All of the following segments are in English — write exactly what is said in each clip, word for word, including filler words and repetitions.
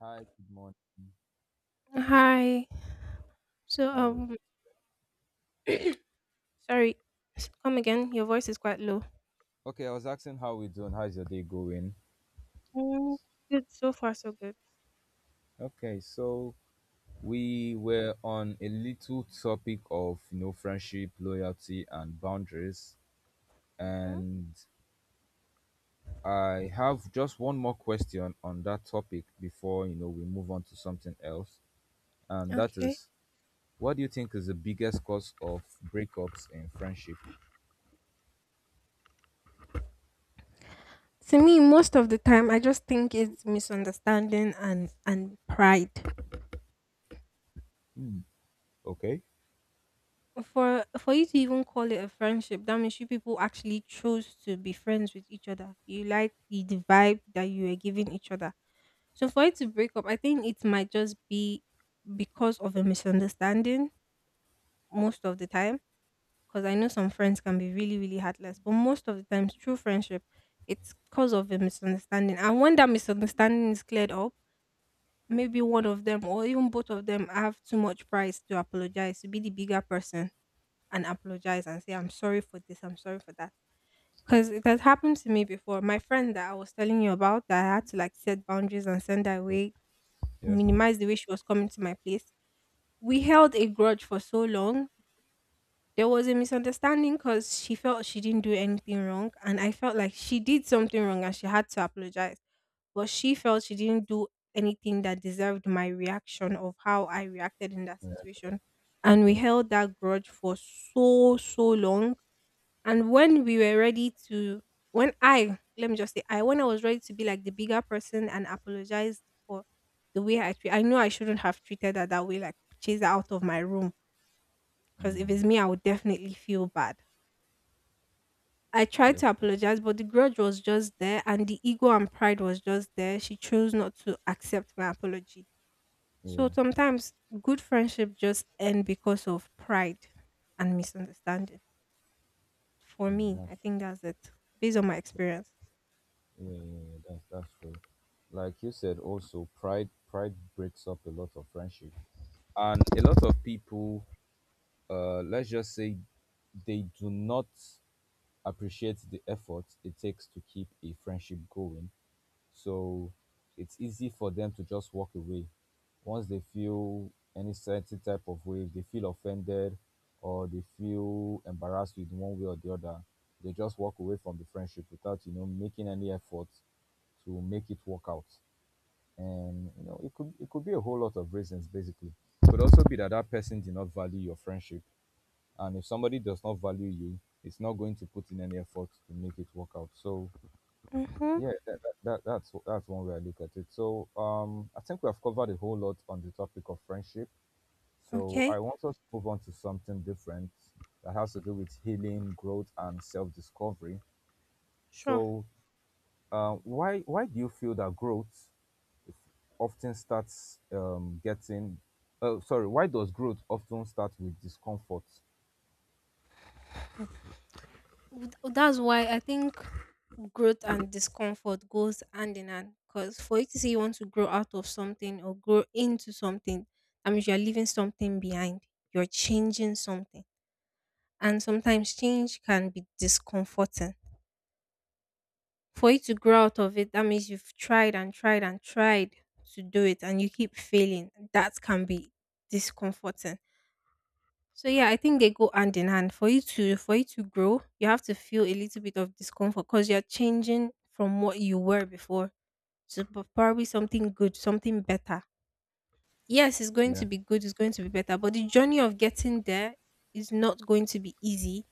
Hi, good morning. Hi. So, How um, sorry. S- Come again. Your voice is quite low. Okay, I was asking how we doing. How's your day going? Mm, good. So far, so good. Okay, so we were on a little topic of you know friendship, loyalty, and boundaries. Hmm. And I have just one more question on that topic before you know we move on to something else. And that Okay. is what do you think is the biggest cause of breakups in friendship? To me, most of the time, I just think it's misunderstanding and and pride. Hmm. Okay. For for you to even call it a friendship, that means you people actually chose to be friends with each other. You like the the vibe that you were giving each other. So for it to break up, I think it might just be because of a misunderstanding most of the time, because I know some friends can be really, really heartless. But most of the times, true friendship, it's cause of a misunderstanding. And when that misunderstanding is cleared up, maybe one of them or even both of them have too much pride to apologize, to be the bigger person and apologize and say, I'm sorry for this, I'm sorry for that. Because it has happened to me before. My friend that I was telling you about, that I had to like set boundaries and send her away, Yeah. minimize the way she was coming to my place. We held a grudge for so long. There was a misunderstanding because she felt she didn't do anything wrong and I felt like she did something wrong and she had to apologize, but she felt she didn't do anything that deserved my reaction of how I reacted in that Yeah. situation. And we Okay. held that grudge for so so long. And when we were ready to, when I, let me just say, I, when I was ready to be like the bigger person and apologize for the way I treat, I know I shouldn't have treated her that way, like chase her out of my room, because if Mm, it's me I would definitely feel bad. I tried to that's, apologize, but the grudge was just there and the ego and pride was just there. She chose not to accept my apology. So yeah. sometimes good friendship just end because of pride and misunderstanding. For Mm, me, I that's think that's it based on my experience. Yeah, yeah, yeah, that's that's true. Like you said, also pride pride breaks up a lot of friendship, and a lot of people, uh, let's just say, they do not appreciate the effort it takes to keep a friendship going. So it's easy for them to just walk away once they feel any certain type of way. If they feel offended or they feel embarrassed with one way or the other, they just walk away from the friendship without you know making any effort to make it work out. And you know, it could it could be a whole lot of reasons basically. It Could also be that that person did not value your friendship, and if somebody does not value you, it's not going to put in any effort to make it work out. So Mhm. yeah, that, that, that that's that's one way I look at it. So um, I think we have covered a whole lot on the topic of friendship. So I Okay. want us to move on to something different that has to do with healing, growth, and self-discovery. Sure. So, uh, why why do you feel that growth often starts um, getting oh sorry why does growth often start with discomfort? W- That's why I think growth and discomfort goes hand in hand, because for you to say you want to grow out of something or grow into something, that means you're leaving something behind. You're changing something, and sometimes change can be discomforting. For you to grow out of it, that means you've tried and tried and tried to do it and you keep failing. That can be discomforting. So yeah, I think they go hand in hand. For you to for you to grow, you have to feel a little bit of discomfort because you're changing from what you were before to p- probably something good, something better. Yes, it's going Yeah, to be good, it's going to be better, but the journey of getting there is not going to be easy.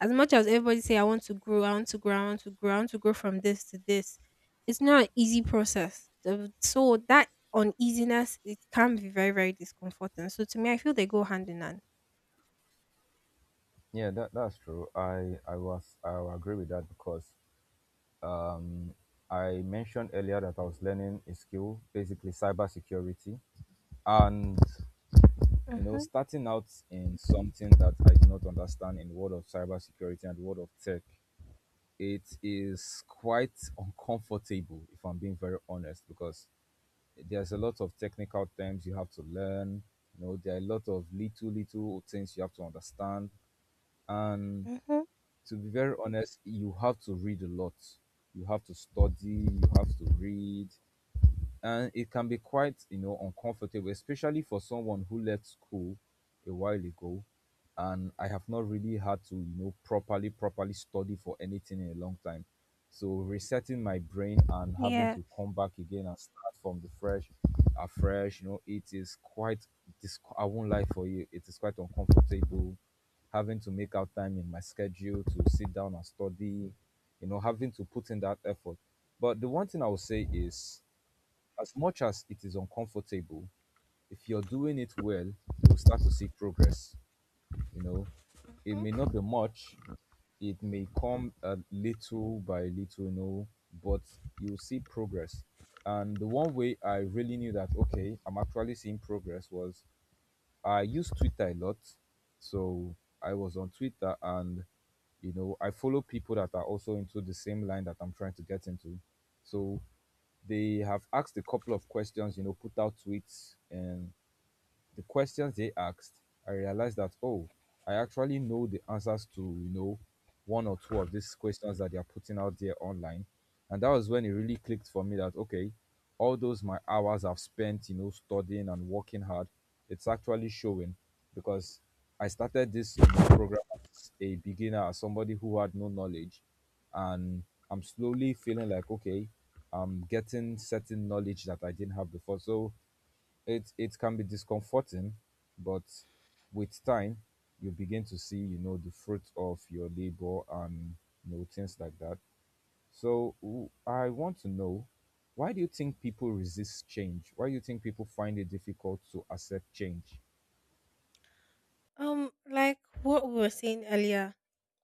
As much as everybody say I want to grow, I want to grow, I want to grow, I want to grow from this to this, it's not an easy process. The- So that uneasiness, it can be very, very discomforting. So to me, I feel they go hand in hand. yeah, that, that's true i i was i will agree with that because um I mentioned earlier that I was learning a skill, basically cybersecurity. And you know, Hmm. starting out in something that I do not understand, in the world of cybersecurity and the world of tech, it is quite uncomfortable, if I'm being very honest, because there's a lot of technical terms you have to learn. You know, there are a lot of little little things you have to understand, and Hmm. to be very honest, you have to read a lot. You have to study, you have to read, and it can be quite, you know, uncomfortable, especially for someone who left school a while ago, and I have not really had to, you know, properly properly study for anything in a long time. So resetting my brain and having Yeah. to come back again and start from the fresh afresh, you know, it is quite, this I won't lie for you, it is quite uncomfortable having to make out time in my schedule to sit down and study, you know, having to put in that effort. But the one thing I will say is, as much as it is uncomfortable, if you're doing it well, you'll start to see progress. You know, it may not be much, it may come a little by little, you know, but you'll see progress. And the one way I really knew that, okay, I'm actually seeing progress was I use Twitter a lot. So I was on Twitter, and you know, I follow people that are also into the same line that I'm trying to get into. So they have asked a couple of questions, you know, put out tweets, and the questions they asked, I realized that oh, I actually know the answers to, you know, one or two of these questions that they are putting out there online. And that was when it really clicked for me that okay, all those my hours I've spent, you know, studying and working hard, it's actually showing, because I started this, you know, program as a beginner, as somebody who had no knowledge, and I'm slowly feeling like okay, I'm getting certain knowledge that I didn't have before. So it it can be discomforting, but with time you begin to see, you know, the fruit of your labor and you know, things like that. So w- I want to know, why do you think people resist change? Why do you think people find it difficult to accept change? Um, like what we were saying earlier,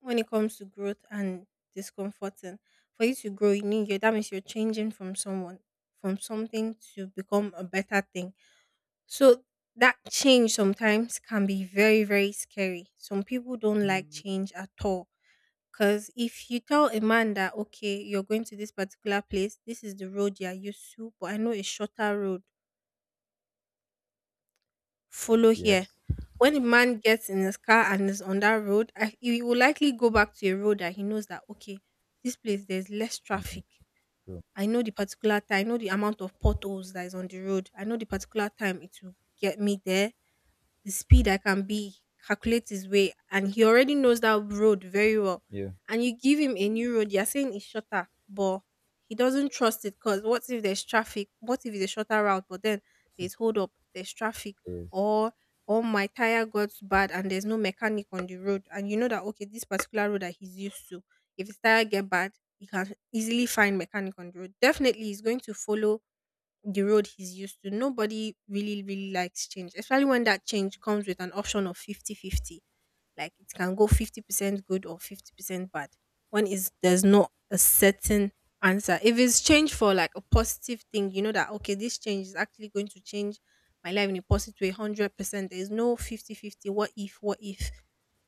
when it comes to growth and discomforting, for you to grow, you need you. That means you're changing from someone, from something to become a better thing. So that change sometimes can be very, very scary. Some people don't like Mm. change at all. Because if you tell a man that, okay, you're going to this particular place, this is the road you're used to, but I know a shorter road, follow here. Yes, When a man gets in his car and is on that road, I, he will likely go back to a road that he knows that, okay, this place, there's less traffic. true. I know the particular time, I know the amount of potholes that is on the road. I know the particular time it will get me there, the speed I can be, calculate his way, and he already knows that road very well. Yeah. And you give him a new road, you're saying it's shorter, but he doesn't trust it because what if there's traffic? What if it's a shorter route, but then there's hold up, there's traffic, Yes. or or my tire got bad and there's no mechanic on the road, and you know that okay, this particular road that he's used to, if his tire get bad, he can easily find mechanic on the road. Definitely, he's going to follow the road he's used to. Nobody really, really likes change, especially when that change comes with an option of fifty-fifty. Like it can go fifty percent good or fifty percent bad. When is there's not a certain answer. If it's change for like a positive thing, you know that, okay, this change is actually going to change my life in a positive way one hundred percent. There's no fifty-fifty. What if, what if?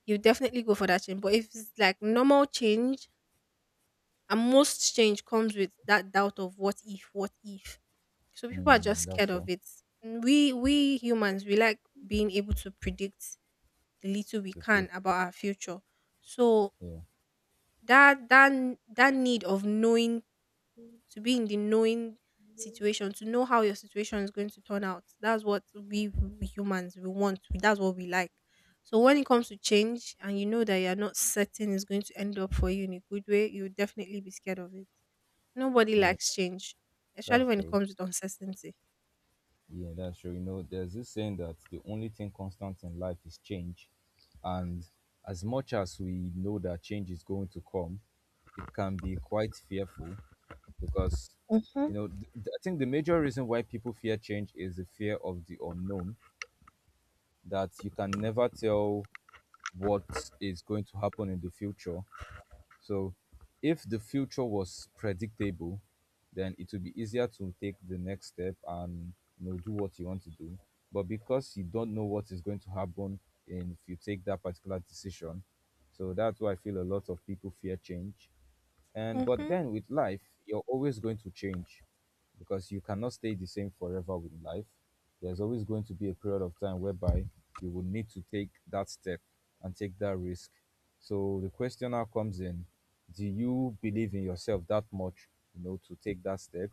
You definitely go for that change. But if it's like normal change, and most change comes with that doubt of what if, what if, so people are just Mm, that's scared of true. it. Mm, We we humans, we like being able to predict the little we The future. can about our future. So Yeah, that that n- that need of knowing, to be in the knowing situation, to know how your situation is going to turn out. That's what we, we humans we want. That's what we like. So when it comes to change and you know that you're not certain it's going to end up for you in a good way, you'll definitely be scared of it. Nobody yeah, likes change, especially that's when it true. comes with uncertainty. Yeah, that's true. You know, there's this saying that the only thing constant in life is change. And as much as we know that change is going to come, it can be quite fearful because, Mm-hmm. you know, th- th- I think the major reason why people fear change is the fear of the unknown, that you can never tell what is going to happen in the future. So, if the future was predictable, then it would be easier to take the next step and you know, do what you want to do. But because you don't know what is going to happen in if you take that particular decision, so that's why I feel a lot of people fear change. And but Mm-hmm. then with life, you're always going to change because you cannot stay the same forever with life. There's always going to be a period of time whereby you will need to take that step and take that risk. So the question now comes in, do you believe in yourself that much, you know, to take that step,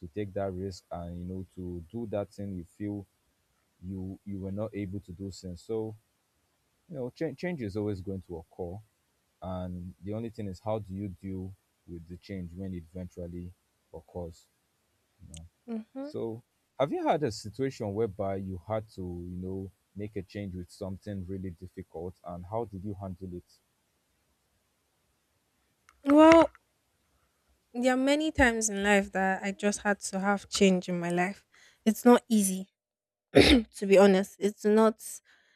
to take that risk and you know, to do that thing you feel you you were not able to do since. So, you know, change change is always going to occur, and the only thing is how do you deal with the change when it eventually occurs. Hmm. So have you had a situation whereby you had to, you know, make a change with something really difficult, and how did you handle it? Well, there are many times in life that I just had to have change in my life. It's not easy, to be honest. It's not.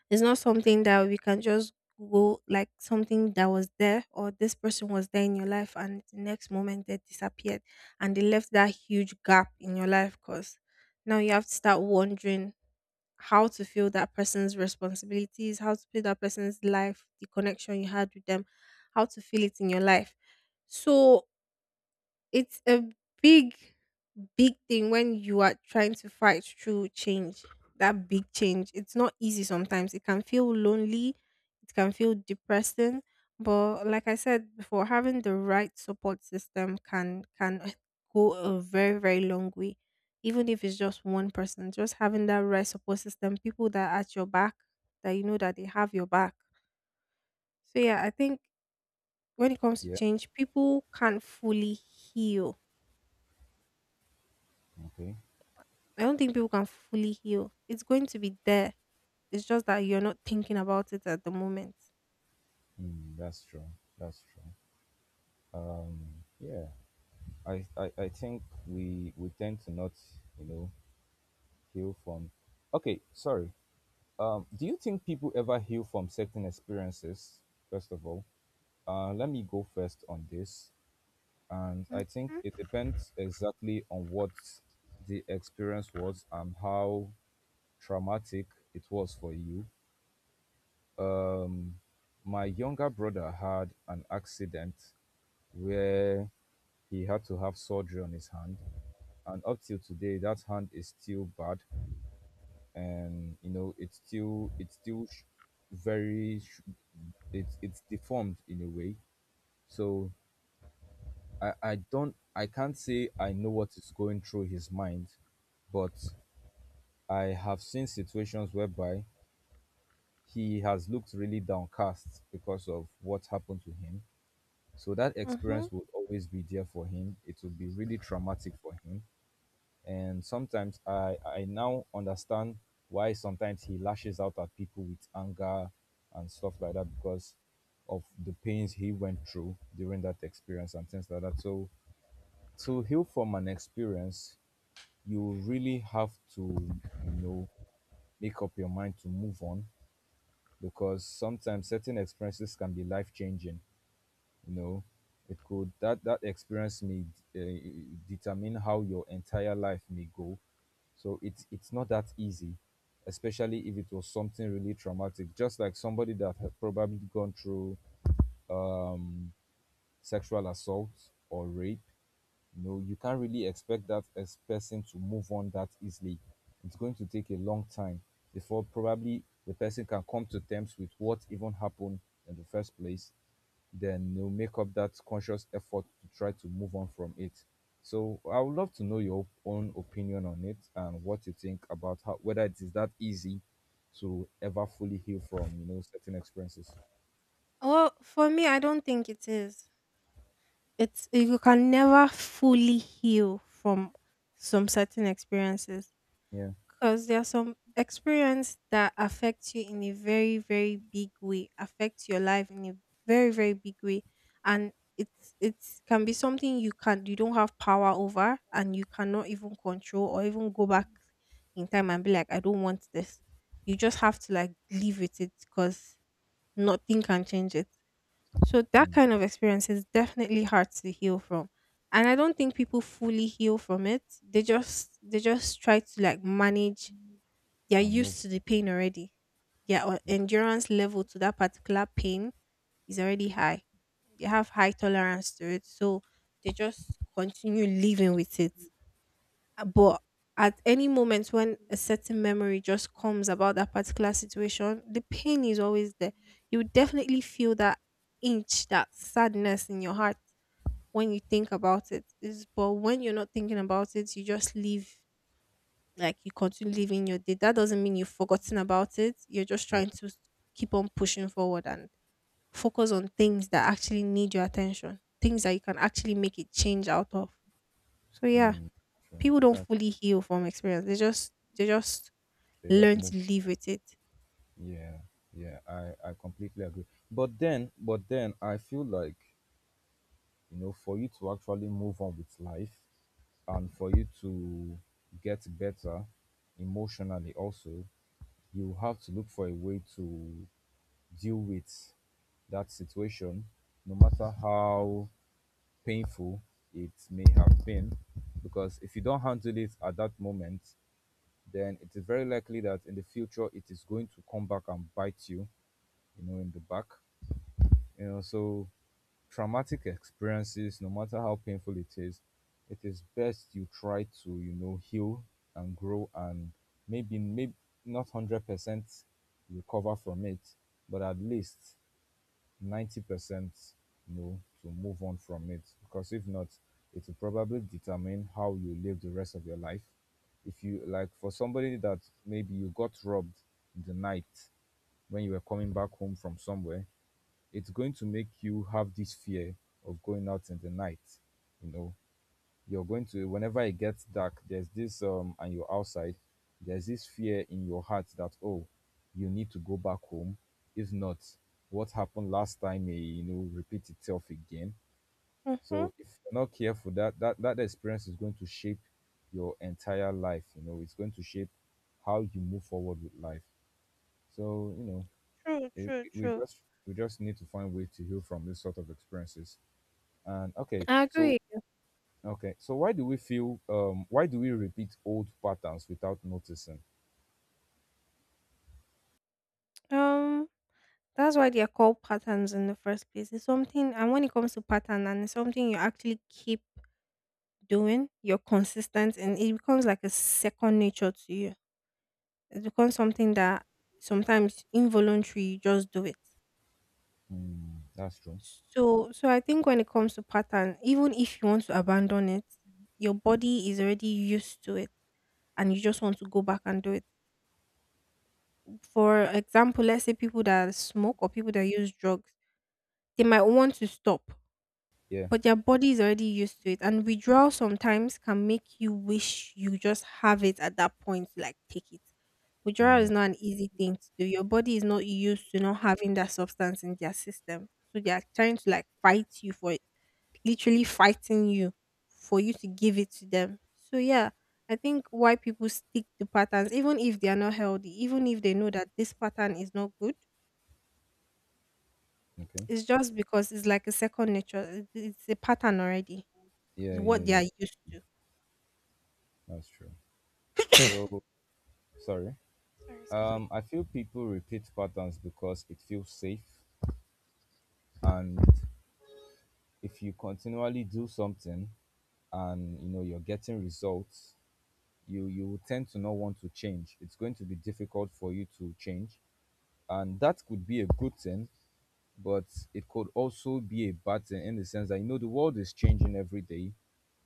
It's not something that we can just go, like something that was there or this person was there in your life and the next moment they disappeared and they left that huge gap in your life, because now you have to start wondering how to feel that person's responsibilities, how to feel that person's life, the connection you had with them, how to feel it in your life. So it's a big, big thing when you are trying to fight through change, that big change. It's not easy sometimes. It can feel lonely, it can feel depressing. But like I said before, having the right support system can can go a very, very long way. Even if it's just one person, just having that right support system, people that are at your back, that you know that they have your back. So yeah, I think when it comes to Yeah. change, people can't fully heal. Okay. I don't think people can fully heal. It's going to be there. It's just that you're not thinking about it at the moment. Mm, that's true. That's true. um yeah. I, I i think we we tend to not, you know, heal from, okay sorry um do you think people ever heal from certain experiences? First of all, uh let me go first on this. And Okay. I think it depends exactly on what the experience was and how traumatic it was for you. Um, my younger brother had an accident where he had to have surgery on his hand, and up till today, that hand is still bad, and you know, it's still it's still sh- very sh- it's it's deformed in a way. So I I don't, I can't say I know what is going through his mind, but I have seen situations whereby he has looked really downcast because of what happened to him. So that Mm-hmm. experience will always be there for him. It will be really traumatic for him. And sometimes I, I now understand why sometimes he lashes out at people with anger and stuff like that because of the pains he went through during that experience and things like that. So to heal from an experience, you really have to, you know, make up your mind to move on, because sometimes certain experiences can be life changing. You know, it could that that experience may, uh, determine how your entire life may go. So it's it's not that easy, especially if it was something really traumatic, just like somebody that had probably gone through, um, sexual assault or rape. No, you can't really expect that as person to move on that easily. It's going to take a long time before probably the person can come to terms with what even happened in the first place. Then they'll make up that conscious effort to try to move on from it. So I would love to know your own opinion on it and what you think about how whether it is that easy to ever fully heal from, you know, certain experiences. Well, for me, I don't think it is. It's you can never fully heal from some certain experiences. Yeah. Because there are some experience that affects you in a very, very big way, affects your life in a very, very big way. And it's it's can be something you can you don't have power over and you cannot even control or even go back in time and be like, I don't want this. You just have to like live with it because nothing can change it. So that Mm. kind of experience is definitely hard to heal from, and I don't think people fully heal from it. They just they just try to like manage. They are And move. used to the pain already. Their uh, Yeah, endurance level to that particular pain is already high. They have high tolerance to it. So they just continue living with it. Uh, But at any moment when a certain memory just comes about that particular situation, the pain is always there. You would definitely feel that inch, that sadness in your heart when you think about it. Is But when you're not thinking about it, you just live, like you continue living your day. That doesn't mean you've forgotten about it. You're just yeah. trying to s- keep on pushing forward and focus on things that actually need your attention, things that you can actually make a change out of. So yeah, Mm. Sure. people don't That fully heal from experience. They just they just they just learn move. to live with it. Yeah, yeah, I, I completely agree. But then, but then I feel like, you know, for you to actually move on with life and for you to get better emotionally also, you have to look for a way to deal with that situation, no matter how painful it may have been. Because if you don't handle it at that moment, then it is very likely that in the future it is going to come back and bite you, you know, in the back, you know. So traumatic experiences, no matter how painful it is, it is best you try to, you know, heal and grow, and maybe maybe not one hundred percent recover from it, but at least ninety percent, you know, to move on from it, because if not, it will probably determine how you live the rest of your life. If you like for somebody that maybe you got robbed in the night when you were coming back home from somewhere, it's going to make you have this fear of going out in the night, you know. You're going to, whenever it gets dark, there's this um and you're outside, there's this fear in your heart that, oh, you need to go back home, if not, what happened last time may, you know, repeat itself again. Mhm. So if you're not careful, that that that experience is going to shape your entire life, you know, it's going to shape how you move forward with life. So you know True, it, true, we true. just we just need to find way to heal from this sort of experiences. And okay I so agree. okay so why do we feel um why do we repeat old patterns without noticing? Um, That's why they're called patterns in the first place. It's something, and when it comes to pattern, and it's something you actually keep doing, you're consistent, and it becomes like a second nature to you. It becomes something that sometimes involuntary, you just do it. Mm, that's true. So, so I think when it comes to pattern, even if you want to abandon it, your body is already used to it and you just want to go back and do it. For example, let's say people that smoke or people that use drugs, they might want to stop, yeah but their body is already used to it. And withdrawal sometimes can make you wish you just have it at that point, like take it. Withdrawal yeah is not an easy thing to do. Your body is not used to not having that substance in their system. So they are trying to like fight you for it, literally fighting you for you to give it to them. So yeah, I think why people stick to patterns, even if they are not healthy, even if they know that this pattern is not good, okay. it's just because it's like a second nature. it- It's a pattern already. It's yeah yeah what they yeah are used to. that's true. So sorry, Sorry, excuse me. um I feel people repeat patterns because it feels safe. And if you continually do something and you know you're getting results, you you will tend to not want to change. It's going to be difficult for you to change, and that could be a good thing, but it could also be a bad thing in the sense that, you know, the world is changing every day,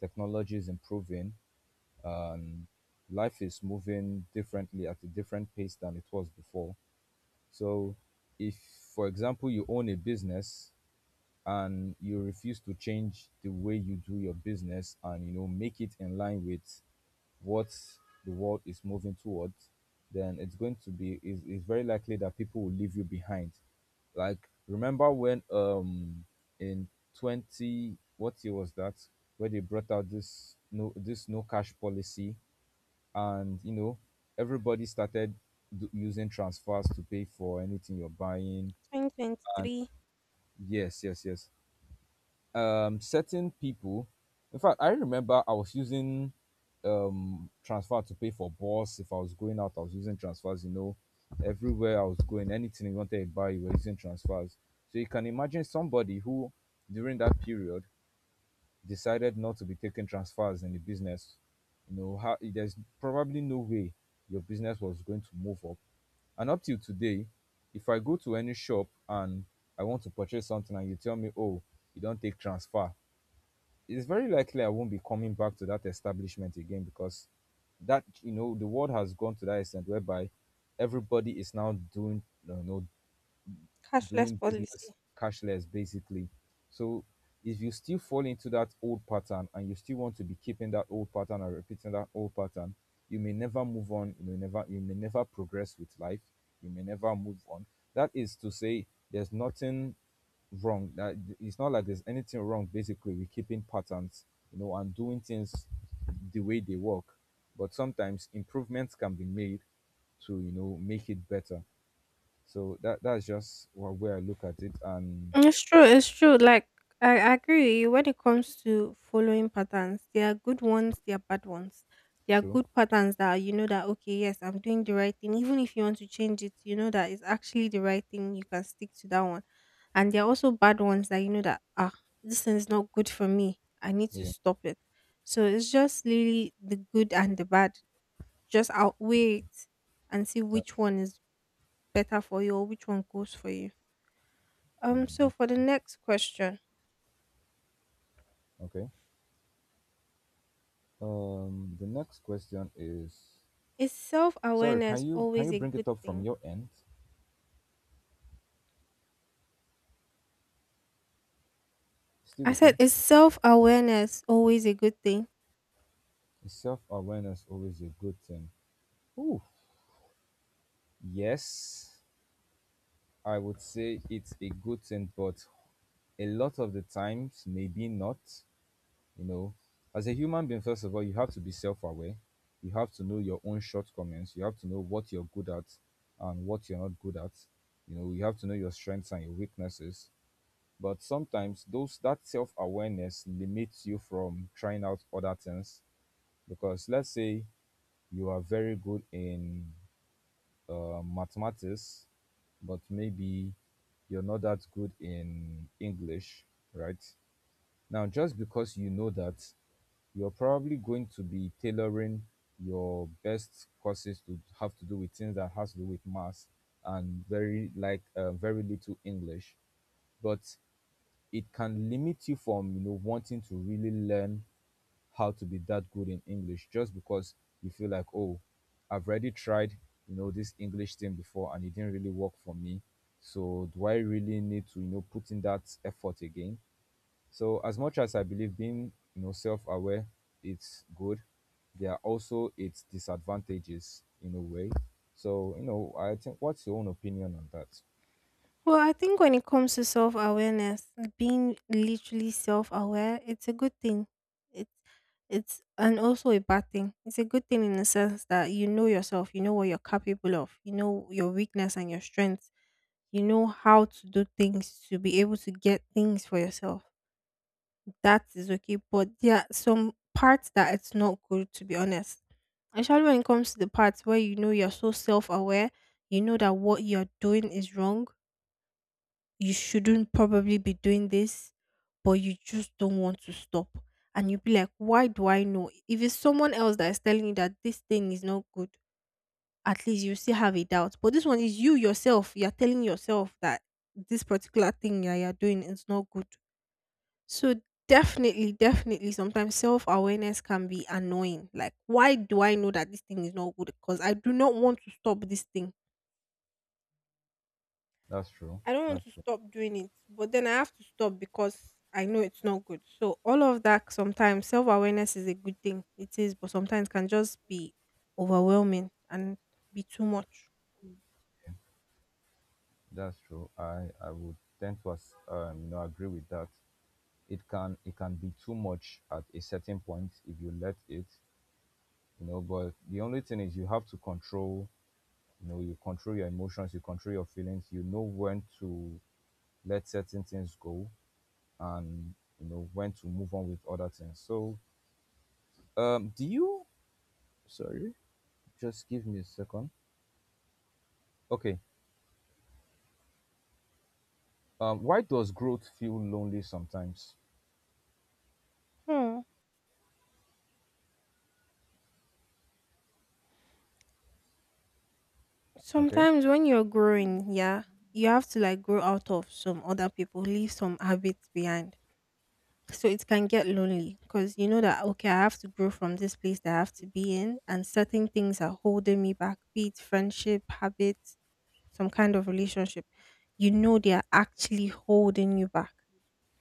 technology is improving, and life is moving differently at a different pace than it was before. So, if for example you own a business and you refuse to change the way you do your business and, you know, make it in line with what the world is moving towards, then it's going to be— is it's very likely that people will leave you behind. Like, remember when um in twenty— what year was that— where they brought out this— no, this no cash policy? And, you know, everybody started d- using transfers to pay for anything you're buying. twenty twenty-three Yes, yes, yes. Um certain people, in fact, I remember I was using um transfer to pay for bus. If I was going out, I was using transfers, you know, everywhere I was going, anything you wanted to buy, you were using transfers. So you can imagine somebody who, during that period, decided not to be taking transfers in the business. You know, how there's probably no way your business was going to move up. And up till today, if I go to any shop and I want to purchase something and you tell me, oh, you don't take transfer, it's very likely I won't be coming back to that establishment again, because that— you know, the world has gone to that extent whereby everybody is now doing, you know, cashless doing business policy. cashless basically. So if you still fall into that old pattern and you still want to be keeping that old pattern and repeating that old pattern, you may never move on, you may never— you may never progress with life, you may never move on. That is to say, there's nothing wrong. That— it's not like there's anything wrong basically with keeping patterns, you know, and doing things the way they work. But sometimes improvements can be made to, you know, make it better. So that that's just one way I look at it. And It's true. It's true. Like I I agree with you when it comes to following patterns. There are good ones. There are bad ones. There are true, good patterns that you know that okay, yes, I'm doing the right thing. Even if you want to change it, you know that it's actually the right thing. You can stick to that one. And there are also bad ones that you know that ah, this thing is not good for me. I need to yeah, stop it. So it's just really the good and the bad. Just outweigh it and see that's— which one is better for you or which one goes for you. Um, mm, so that's for the true. next question, Okay. Um, the next question is, is self sorry, can awareness you can always you a bring good it up from thing? your end? Stay I with said, me. is self awareness always a good thing? Is self awareness always a good thing? Ooh, yes, I would say it's a good thing, but a lot of the times maybe not. You know, as a human being, first of all, you have to be self aware. You have to know your own shortcomings. You have to know what you're good at and what you're not good at. You know, you have to know your strengths and your weaknesses. But sometimes those that self awareness limits you from trying out other things, because let's say you are very good in uh, mathematics, but maybe you're not that good in English, right? Now, just because you know that, you're probably going to be tailoring your best courses to have to do with things that has to do with maths and very like uh, very little English, but it can limit you from, you know, wanting to really learn how to be that good in English just because you feel like, oh, I've already tried, you know, this English thing before and it didn't really work for me, so do I really need to, you know, put in that effort again? So as much as I believe being, you know, self-aware, it's good, there are also its disadvantages in a way. So, you know, I think, what's your own opinion on that? Well, I think when it comes to self awareness, being literally self aware, it's a good thing. It's it's and also a bad thing. It's a good thing in the sense that you know yourself, you know what you're capable of, you know your weakness and your strengths, you know how to do things to be able to get things for yourself. That is okay. But there are some parts that it's not good to be honest. Especially when it comes to the parts where you know you're so self aware, you know that what you're doing is wrong. You shouldn't probably be doing this, but you just don't want to stop. And you be like, why do I know? If it's someone else that is telling you that this thing is not good, at least you still have a doubt. But this one is you yourself. You're telling yourself that this particular thing that you're doing is not good. So definitely, definitely, sometimes self awareness can be annoying. Like, why do I know that this thing is not good? Because I do not want to stop this thing. That's true. I don't want That's to true. stop doing it, but then I have to stop because I know it's not good. So all of that sometimes self awareness is a good thing. It is, but sometimes can just be overwhelming and be too much. That's true. I I would tend to as- um, you know, agree with that. It can it can be too much at a certain point if you let it, you know. But the only thing is you have to control. You know, you control your emotions. You control your feelings. You know when to let certain things go. And you know when to move on with other things. So, um, do you? Sorry, just give me a second. Okay. Um, why does growth feel lonely sometimes? Hmm. Okay. Sometimes when you're growing, yeah, you have to like grow out of some other people, leave some habits behind. So it can get lonely because you know that, okay, I have to grow from this place that I have to be in, and certain things are holding me back, be it friendship, habits, some kind of relationship. You know, they are actually holding you back.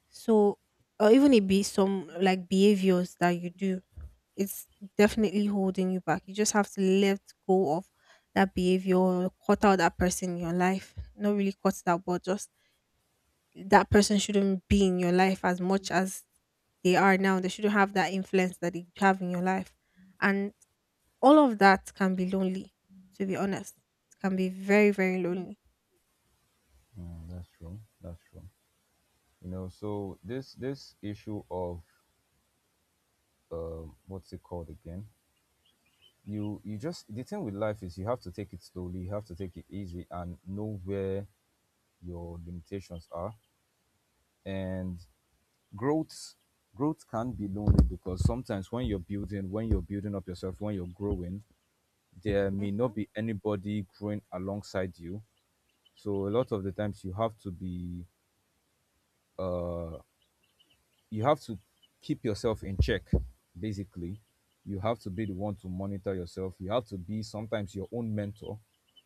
So, or even it be some like behaviors that you do, it's definitely holding you back. You just have to let go of that behavior, cut out that person in your life. Not really cut it out, but just that person shouldn't be in your life as much as they are now. They shouldn't have that influence that they have in your life. And all of that can be lonely, to be honest. It can be very, very lonely. Mm, that's true. That's true. You know, so this— this issue of um, what's it called again? You— you just— the thing with life is you have to take it slowly. You have to take it easy and know where your limitations are. And growth growth can be lonely, because sometimes when you're building— when you're building up yourself, when you're growing, there may not Mhm. be anybody growing alongside you. So a lot of the times you have to be uh you have to keep yourself in check, basically. You have to be the one to monitor yourself. You have to be sometimes your own mentor,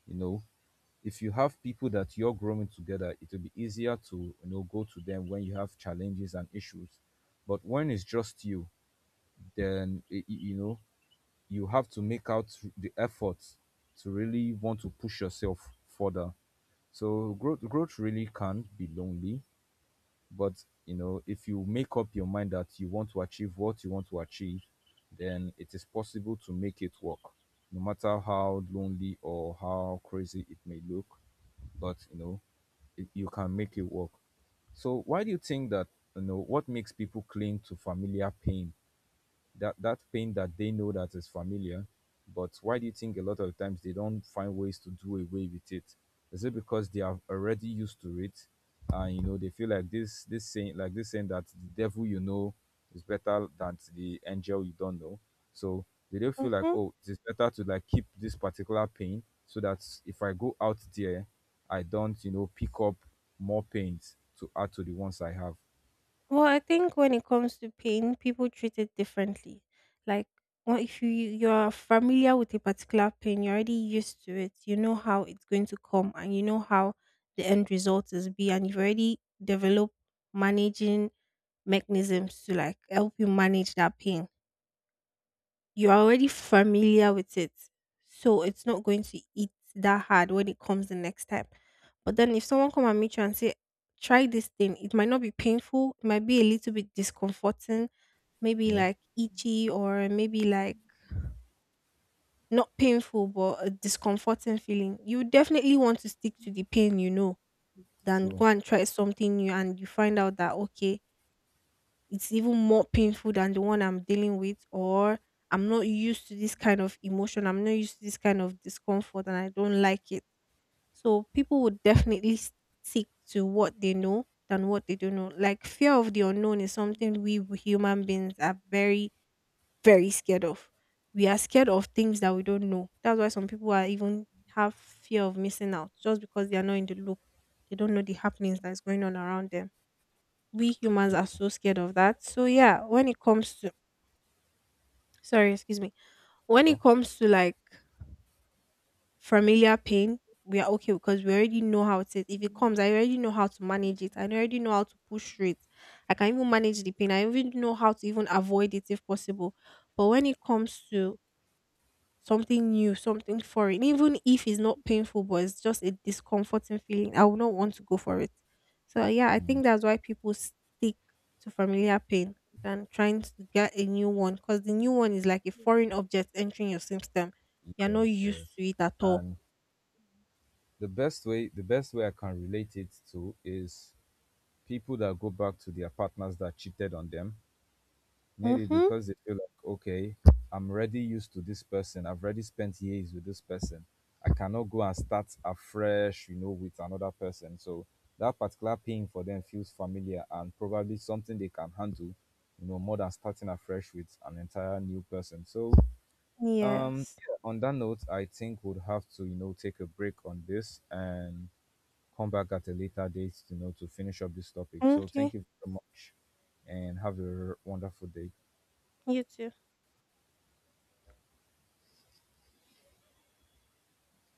you know. If you have people that you're growing together, it will be easier to, you know, go to them when you have challenges and issues. But when it's just you, then y- y- you know, you have to make out the effort to really want to push yourself further. So growth growth really can be lonely. But, you know, if you make up your mind that you want to achieve what you want to achieve, then it is possible to make it work, no matter how lonely or how crazy it may look. But, you know, it— you can make it work. So why do you think that— you know, what makes people cling to familiar pain? That that pain that they know that is familiar, but why do you think a lot of times they don't find ways to do away with it? Is it because they are already used to it, and, you know, they feel like this this saying like this saying that the devil you know is better than the angel you don't know? So they don't feel like, Mhm. oh, it's better to like keep this particular pain so that if I go out there, I don't, you know, pick up more pains to add to the ones I have. Well, I think when it comes to pain, people treat it differently. Like, well, if you you're familiar with a particular pain, you're already used to it. You know how it's going to come, and you know how the end result is be, and you've already developed managing mechanisms to like help you manage that pain. You're already familiar with it. So it's not going to eat that hard when it comes the next time. But then if someone come and meet you and say, try this thing, it might not be painful, it might be a little bit discomforting, maybe Yeah, like itchy or maybe like not painful but a discomforting feeling. You definitely want to stick to the pain you know than true. go and try something new and you find out that okay, it's even more painful than the one I'm dealing with, or I'm not used to this kind of emotion, I'm not used to this kind of discomfort, and I don't like it. So people would definitely stick to what they know than what they don't know. Like fear of the unknown is something we w- human beings are very, very scared of. We are scared of things that we don't know. That's why some people are even have fear of missing out just because they are not in the loop. They don't know the happenings that is going on around them we humans are Yeah, so scared of that. So yeah, when it comes to sorry, excuse me. When it sure. comes to like familiar pain, we are okay because we already know how it is. If it comes, I already know how to manage it. I already know how to push through it. I can even manage the pain. I even know how to even avoid it if possible. But when it comes to something new, something foreign, even if it's not painful, but it's just a discomforting feeling, I would not want to go for it. So, yeah, I think that's why people stick to familiar pain than trying to get a new one because the new one is like a foreign object entering your system. You're not Yes, used yes. to it at all. And the best way the best way I can relate it to is people that go back to their partners that cheated on them, maybe Mm-hmm. because they feel like, okay, I'm already used to this person. I've already spent years with this person. I cannot go and start afresh, you know, with another person. So that particular pain for them feels familiar and probably something they can handle, you know, more than starting afresh with an entire new person. So, Um, Yes. yeah, on that note, I think we'd have to, you know, take a break on this and come back at a later date, you know, to finish up this topic. So thank Okay. you so much and have a wonderful day. You too.